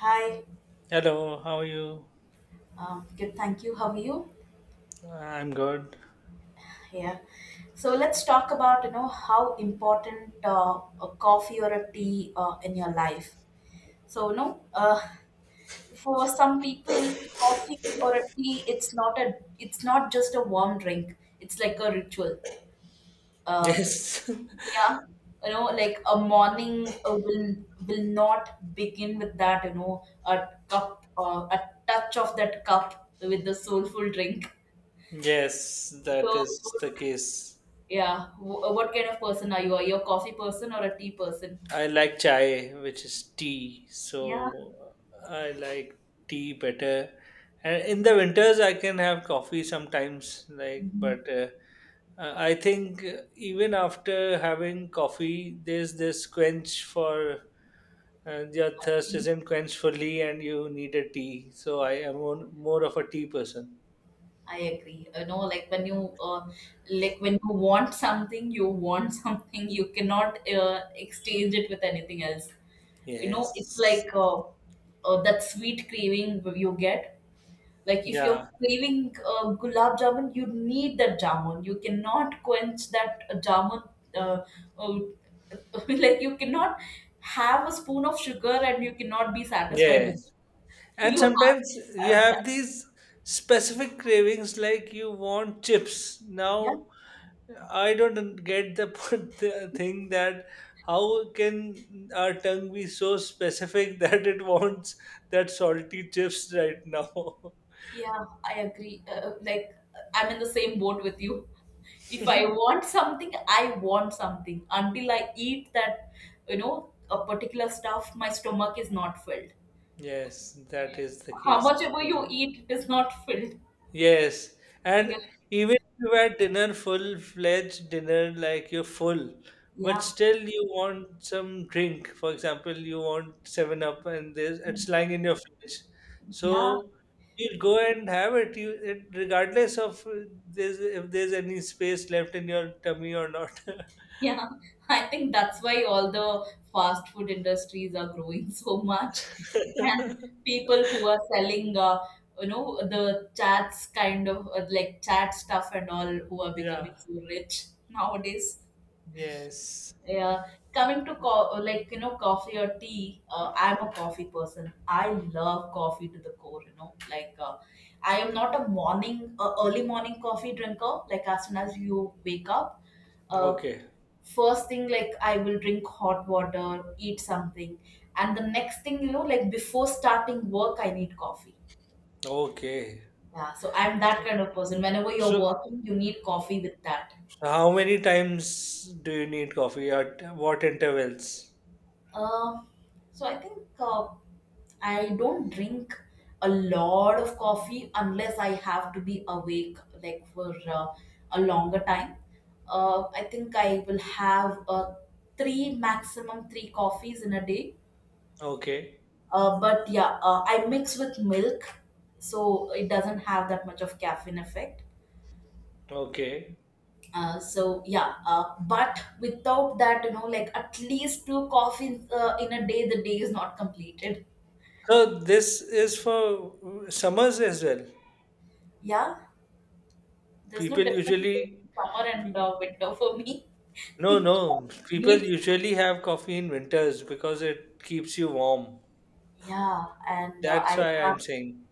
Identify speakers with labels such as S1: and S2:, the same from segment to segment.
S1: Hi,
S2: Hello, how are you?
S1: good. Thank you. How are you?
S2: I'm good.
S1: Yeah. So let's talk about how important a coffee or a tea in your life. So for some people, coffee or a tea, it's not just a warm drink. It's like a ritual. Uh,
S2: Yes,
S1: yeah, like a morning will not begin with that. A cup, a touch of that cup with the soulful drink.
S2: yes, that
S1: So.
S2: is the case.
S1: Yeah. What kind of person are you? Are you a coffee person or a tea person?
S2: I like chai, which is tea,
S1: Yeah.
S2: so I like tea better. And in the winters, I can have coffee sometimes, like,
S1: Mhm.
S2: but I think even after having coffee, there's this quench for your thirst
S1: Tea.
S2: isn't quenched fully, and you need a tea. So I am more of a tea person.
S1: I agree. Like when you like when you want something, you want something. You cannot exchange it with anything else. It's
S2: Yes.
S1: like that sweet craving you get. Like if you're
S2: Yeah.
S1: craving gulab jamun, you need that jamun. You cannot quench that jamun. Uh, uh, like you cannot have a spoon of sugar and you cannot be satisfied with
S2: Yes.
S1: it.
S2: And
S1: You have
S2: sometimes
S1: to
S2: you
S1: have
S2: have
S1: that.
S2: these specific cravings like you want chips.
S1: Yeah,
S2: Now, I don't get the the thing that how can our tongue be so specific that it wants that salty chips right now?
S1: yeah, I agree. Like I'm in the same boat with you. If I want something, I want something. Until I eat that, a particular stuff, my stomach is not filled.
S2: Yes, that is the
S1: How
S2: case.
S1: much ever you eat, it is not filled.
S2: Yes,
S1: Yeah.
S2: and even if you had dinner, full-fledged dinner, like you're full, but
S1: Yeah,
S2: still you want some drink. For example, you want Seven Up, and there's it's lying in your fridge,
S1: yeah,
S2: so you go and have it. You it, regardless of there's if there's any space left in your tummy or not.
S1: yeah. I think that's why all the fast food industries are growing so much, and people who are selling, the chats kind of like chat stuff and all, who are becoming
S2: Yeah.
S1: so rich nowadays.
S2: Yes.
S1: Yeah, coming to like coffee or tea. I'm a coffee person. I love coffee to the core. Like I am not a morning, early morning coffee drinker. Like as soon as you wake up. uh,
S2: Okay.
S1: first thing, like I will drink hot water, eat something. And the next thing you know, like before starting work, I need coffee.
S2: Okay.
S1: Yeah, so I'm that
S2: So,
S1: kind of person. Whenever you're
S2: so,
S1: working, you need
S2: so
S1: coffee with that.
S2: how many times do you need coffee at what intervals?
S1: Um so i think, I don't drink a lot of coffee unless I have to be awake, like for a longer time. I think I will have three, maximum three coffees in a day.
S2: Okay,
S1: But yeah, I mix with milk, so it doesn't have that much of caffeine effect.
S2: okay.
S1: So yeah, but without that, like at least two coffees in a day, the day is not completed.
S2: So this is for summers as well.
S1: Yeah, there's no
S2: People
S1: difference
S2: usually,
S1: between summer and
S2: pe-
S1: winter for me.
S2: no, no,
S1: Coffee
S2: people
S1: Beats.
S2: usually have coffee in winters because it keeps you warm.
S1: Yeah, and I
S2: That's why I'm
S1: have
S2: saying.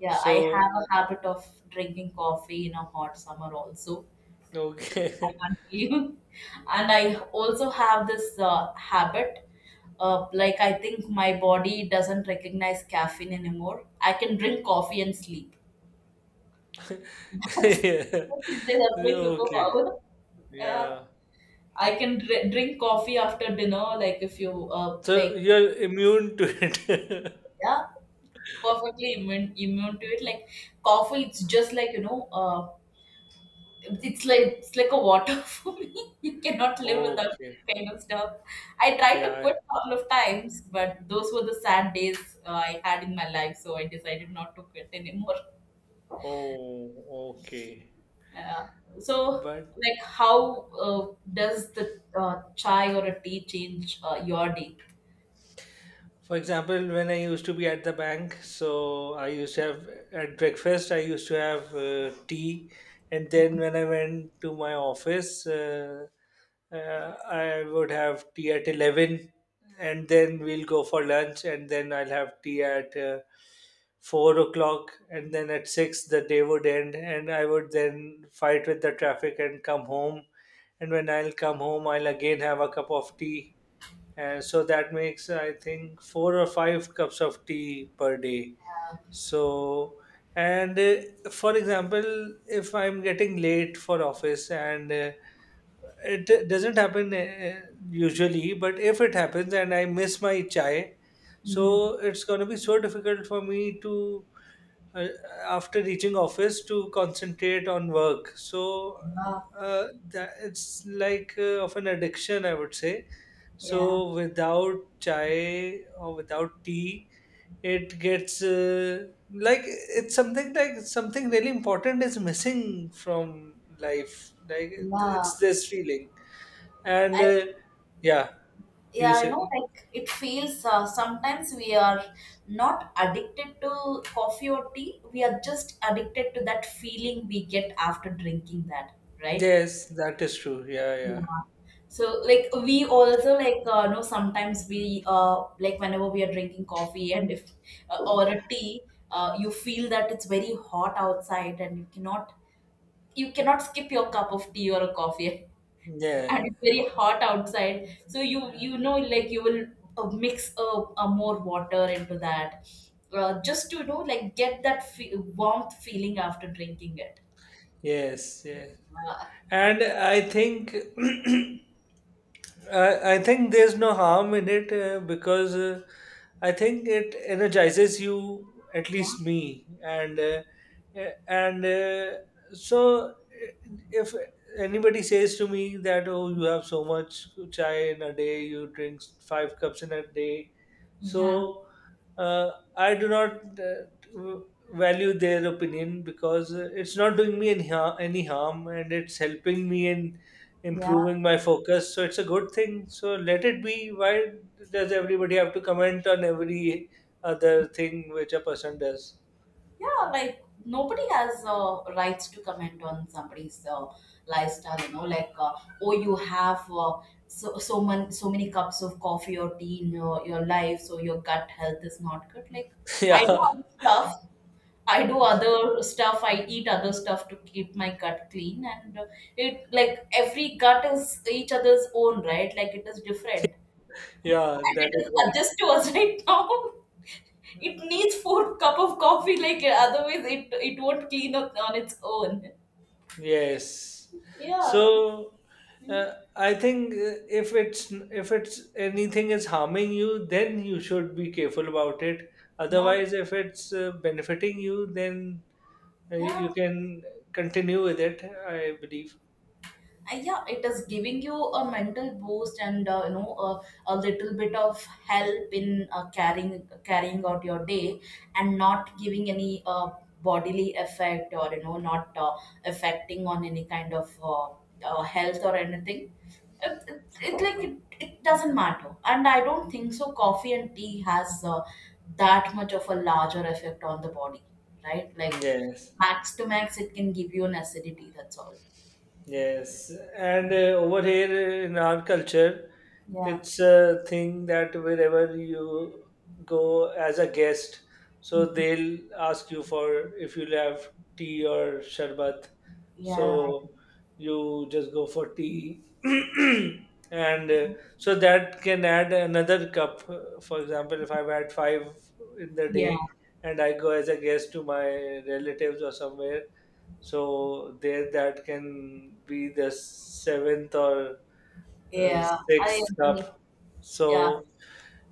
S1: yeah, I
S2: So,
S1: have a habit of drinking coffee in a hot summer also. I
S2: okay.
S1: can't believe. And I also have this habit. Like I think my body doesn't recognize caffeine anymore. I can drink coffee and sleep.
S2: Yeah.
S1: You can say that's my
S2: Okay,
S1: superpower. Yeah,
S2: yeah.
S1: I can drink coffee after dinner. Like if you
S2: So
S1: like
S2: you're immune to it.
S1: Yeah, perfectly immune to it. Like coffee, it's just like. It's like a water for me. You cannot live without
S2: Okay,
S1: this kind of stuff. I tried to quit
S2: yeah.
S1: a couple of times, but those were the sad days I had in my life, so I decided not to quit anymore.
S2: Oh, okay.
S1: Uh, so,
S2: But
S1: like, how does the chai or a tea change your day?
S2: for example, when I used to be at the bank, so I used to have at breakfast, I used to have tea, and then when I went to my office, uh, I would have tea at 11, and then we'll go for lunch, and then I'll have tea at 4 o'clock, and then at 6 the day would end, and I would then fight with the traffic and come home. And when I'll come home, I'll again have a cup of tea so that makes, I think, four or five cups of tea per day. So, and for example, if I'm getting late for office and it doesn't happen usually, but if it happens and I miss my chai,
S1: Mhm.
S2: so it's going to be so difficult for me to uh, after reaching office to concentrate on work. So
S1: Yeah,
S2: that it's like of an addiction, I would say.
S1: yeah,
S2: So without chai or without tea, it gets like it's something like something really important is missing from life. Like
S1: yeah.
S2: it's this feeling, and
S1: I
S2: yeah, you
S1: Yeah,
S2: say
S1: like it feels sometimes we are not addicted to coffee or tea, we are just addicted to that feeling we get after drinking that, right?
S2: yes, that is true. Yeah,
S1: Yeah. So like we also like know sometimes we like whenever we are drinking coffee, and if or a tea you feel that it's very hot outside and you cannot skip your cup of tea or a coffee.
S2: yeah,
S1: And it's very hot outside, so you
S2: yeah.
S1: you know like you will mix a more water into that, just to like get that warmth feeling after drinking it.
S2: Yes, yes.
S1: Uh,
S2: And I think I think there's no harm in it because I think it energizes you, at
S1: yeah,
S2: least me, and uh, eh, and uh, so eh, if anybody says to me that oh you have so much chai in a day, you drink five cups in a day,
S1: yeah,
S2: so uh, I do not w- value their opinion because it's not doing me any harm and it's helping me in
S1: yeah,
S2: improving my focus. So it's a good thing. So let it be. Why does everybody have to comment on every other thing which a person does?
S1: yeah, like nobody has rights to comment on somebody's lifestyle. Oh, you have man, so many cups of coffee or tea in your life, so your gut health is not good, like I know
S2: Yeah,
S1: other stuff. I do other stuff. I eat other stuff to keep my gut clean, and it like every gut is each other's own, right? Like it is different,
S2: yeah,
S1: and
S2: that
S1: it
S2: is
S1: is
S2: right.
S1: adjust to us right now. It needs four cup of coffee, like otherwise it won't clean up on its own.
S2: Yes.
S1: Yeah,
S2: So I think if it's anything is harming you, then you should be careful about it.
S1: yeah,
S2: Otherwise, if it's benefiting you, then you
S1: yeah.
S2: you can continue with it. I believe.
S1: Yeah, it is giving you a mental boost, and a little bit of help in carrying out your day, and not giving any bodily effect, or not affecting on any kind of health or anything. It like it doesn't matter, and I don't think so. Coffee and tea has that much of a larger effect on the body, right? Like
S2: Yes.
S1: max to max, it can give you an acidity. That's all.
S2: Yes, and over here in our culture,
S1: Yeah.
S2: it's a thing that wherever you go as a guest, so they'll ask you for if you'll have tea or sharbat.
S1: Yeah,
S2: So you just go for tea, and so that can add another cup. For example, if I've had five in the
S1: yeah,
S2: day and I go as a guest to my relatives or somewhere so there, that can be the seventh or
S1: yeah. I
S2: sixth cup.
S1: agree. Yeah,
S2: So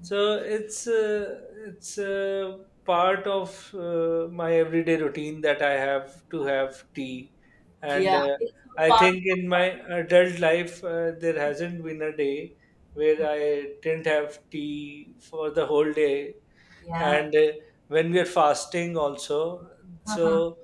S2: so it's it's uh, part of my everyday routine that I have to have tea, and
S1: yeah. It's a
S2: I
S1: part
S2: think
S1: of
S2: in my adult life there hasn't been a day where
S1: problem.
S2: I didn't have tea for the whole day,
S1: Yeah.
S2: and when we are fasting also,
S1: Uh-huh.
S2: so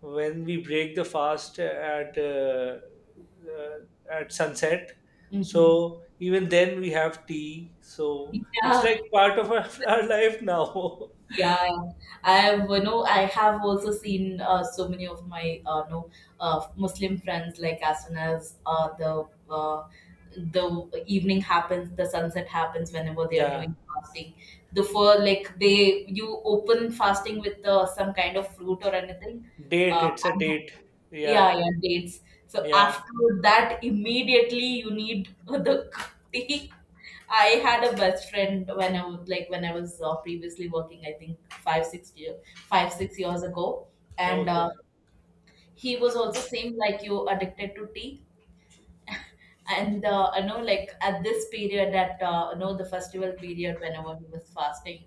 S2: when we break the fast at sunset,
S1: Mm-hmm.
S2: so even then we have tea, so it's
S1: Yeah.
S2: like part of our our life now.
S1: Yeah. I have also seen so many of my Muslim friends, like as soon as the evening happens, the sunset happens whenever they are
S2: Yeah,
S1: doing fasting. The for like they You open fasting with some kind of fruit or anything.
S2: date,
S1: Uh,
S2: it's a date. Yeah.
S1: Yeah, yeah, dates. So
S2: Yeah.
S1: after that, immediately you need the tea. I had a best friend when I was previously working. I think 5-6 years ago, and
S2: Okay.
S1: he was also same like you, addicted to tea. And I know, like at this period, at the festival period whenever he was fasting,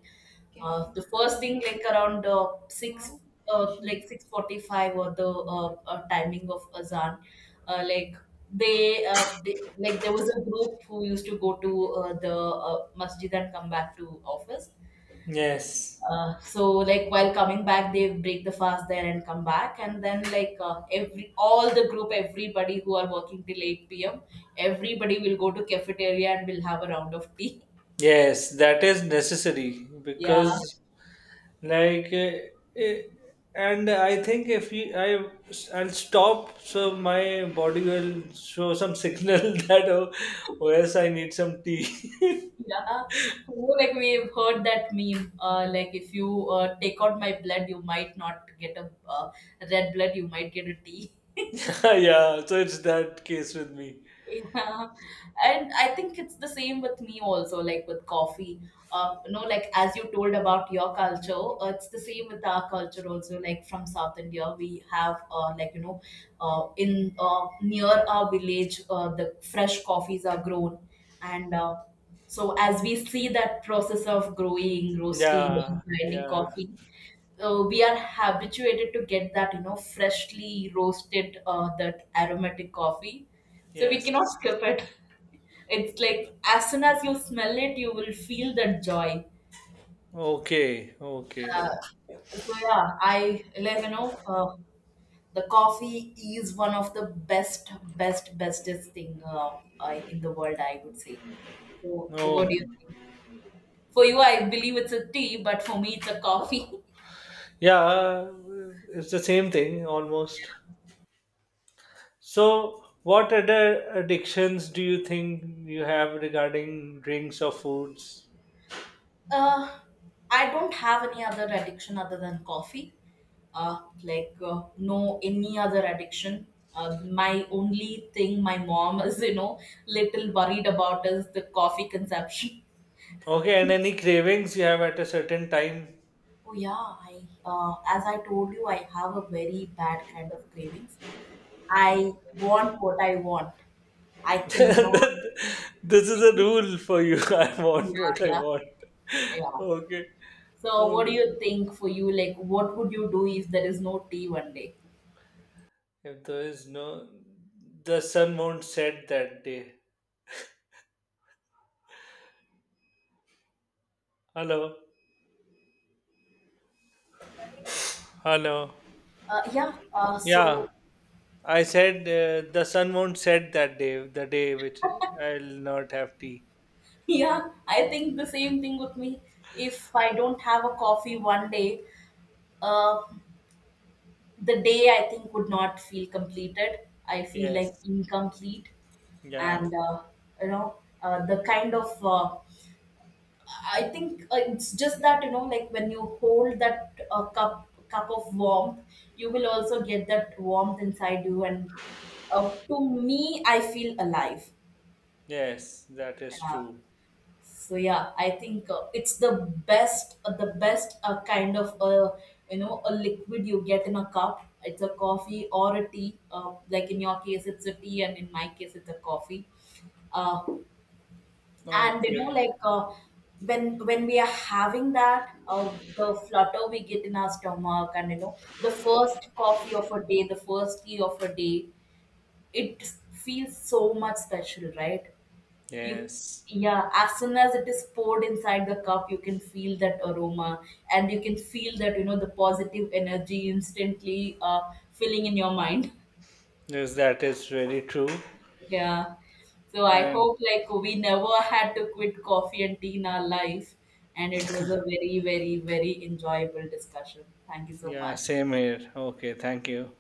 S1: the first thing, like around six, like 6:45, or the timing of azan. Like they like there was a group who used to go to the masjid and come back to office.
S2: Yes,
S1: So like while coming back, they break the fast there and come back, and then like every all the group everybody who are working till 8 p.m., everybody will go to cafeteria and will have a round of tea.
S2: yes, that is necessary
S1: Yeah.
S2: because like eh, and I think if you, I I'll stop, so my body will show some signal that oh, oh yes, I need some tea.
S1: Yeah, who like we've heard that meme. Like if you take out my blood, you might not get a red blood. You might get a T.
S2: Yeah, so it's that case with me.
S1: Yeah. And I think it's the same with me also, like with coffee. Like as you told about your culture, it's the same with our culture also. Like from South India, we have like in near our village, the fresh coffees are grown, and so as we see that process of growing, roasting,
S2: Yeah.
S1: and grinding
S2: Yeah.
S1: coffee, we are habituated to get that freshly roasted that aromatic coffee, so we
S2: Yes.
S1: cannot skip it. It's like as soon as you smell it, you will feel that joy.
S2: Okay, okay.
S1: So yeah, I like you know the coffee is one of the best, bestest thing in the world, I would say. So what do you
S2: Okay.
S1: think? For you, I believe it's a tea, but for me, it's a coffee.
S2: Yeah, it's the same thing almost. So what other addictions do you think you have regarding drinks or foods?
S1: Uh, I don't have any other addiction other than coffee. Like no any other addiction. My only thing my mom is little worried about is the coffee consumption.
S2: Okay, and any cravings you have at a certain time?
S1: Oh yeah, I as I told you, I have a very bad kind of cravings. I want what I want. I cannot.
S2: This is a rule for you. I
S1: Yeah,
S2: want what I
S1: yeah,
S2: want.
S1: yeah.
S2: Okay.
S1: So
S2: Oh,
S1: what do you think for you? Like, what would you do if there is no tea one day?
S2: if there is no, the sun won't set that day. Hello. Hello.
S1: Yeah,
S2: Yeah,
S1: so
S2: I said the sun won't set that day, the day which I'll not have tea.
S1: yeah, I think the same thing with me. If I don't have a coffee one day, uh, the day I think would not feel completed. I feel like
S2: Yes.
S1: incomplete,
S2: Yeah.
S1: and you know, the kind of I think it's just that like when you hold that cup of warmth, you will also get that warmth inside you, and to me, I feel alive.
S2: Yes, that is
S1: Yeah.
S2: true.
S1: So yeah, I think it's the best, kind of a liquid you get in a cup. It's a coffee or a tea, like in your case it's a tea, and in my case it's a coffee. uh, and
S2: Okay.
S1: like when we are having that the flutter we get in our stomach, and the first coffee of a day, the first tea of a day, it feels so much special, right? you
S2: Yes.
S1: Yeah, as soon as it is poured inside the cup, you can feel that aroma, and you can feel that the positive energy instantly filling in your mind.
S2: Yes, that is really true.
S1: Yeah, so I
S2: And
S1: hope like we never had to quit coffee and tea in our life. And it was a very, very, very enjoyable discussion. Thank you so
S2: yeah,
S1: much.
S2: same here. Okay, thank you.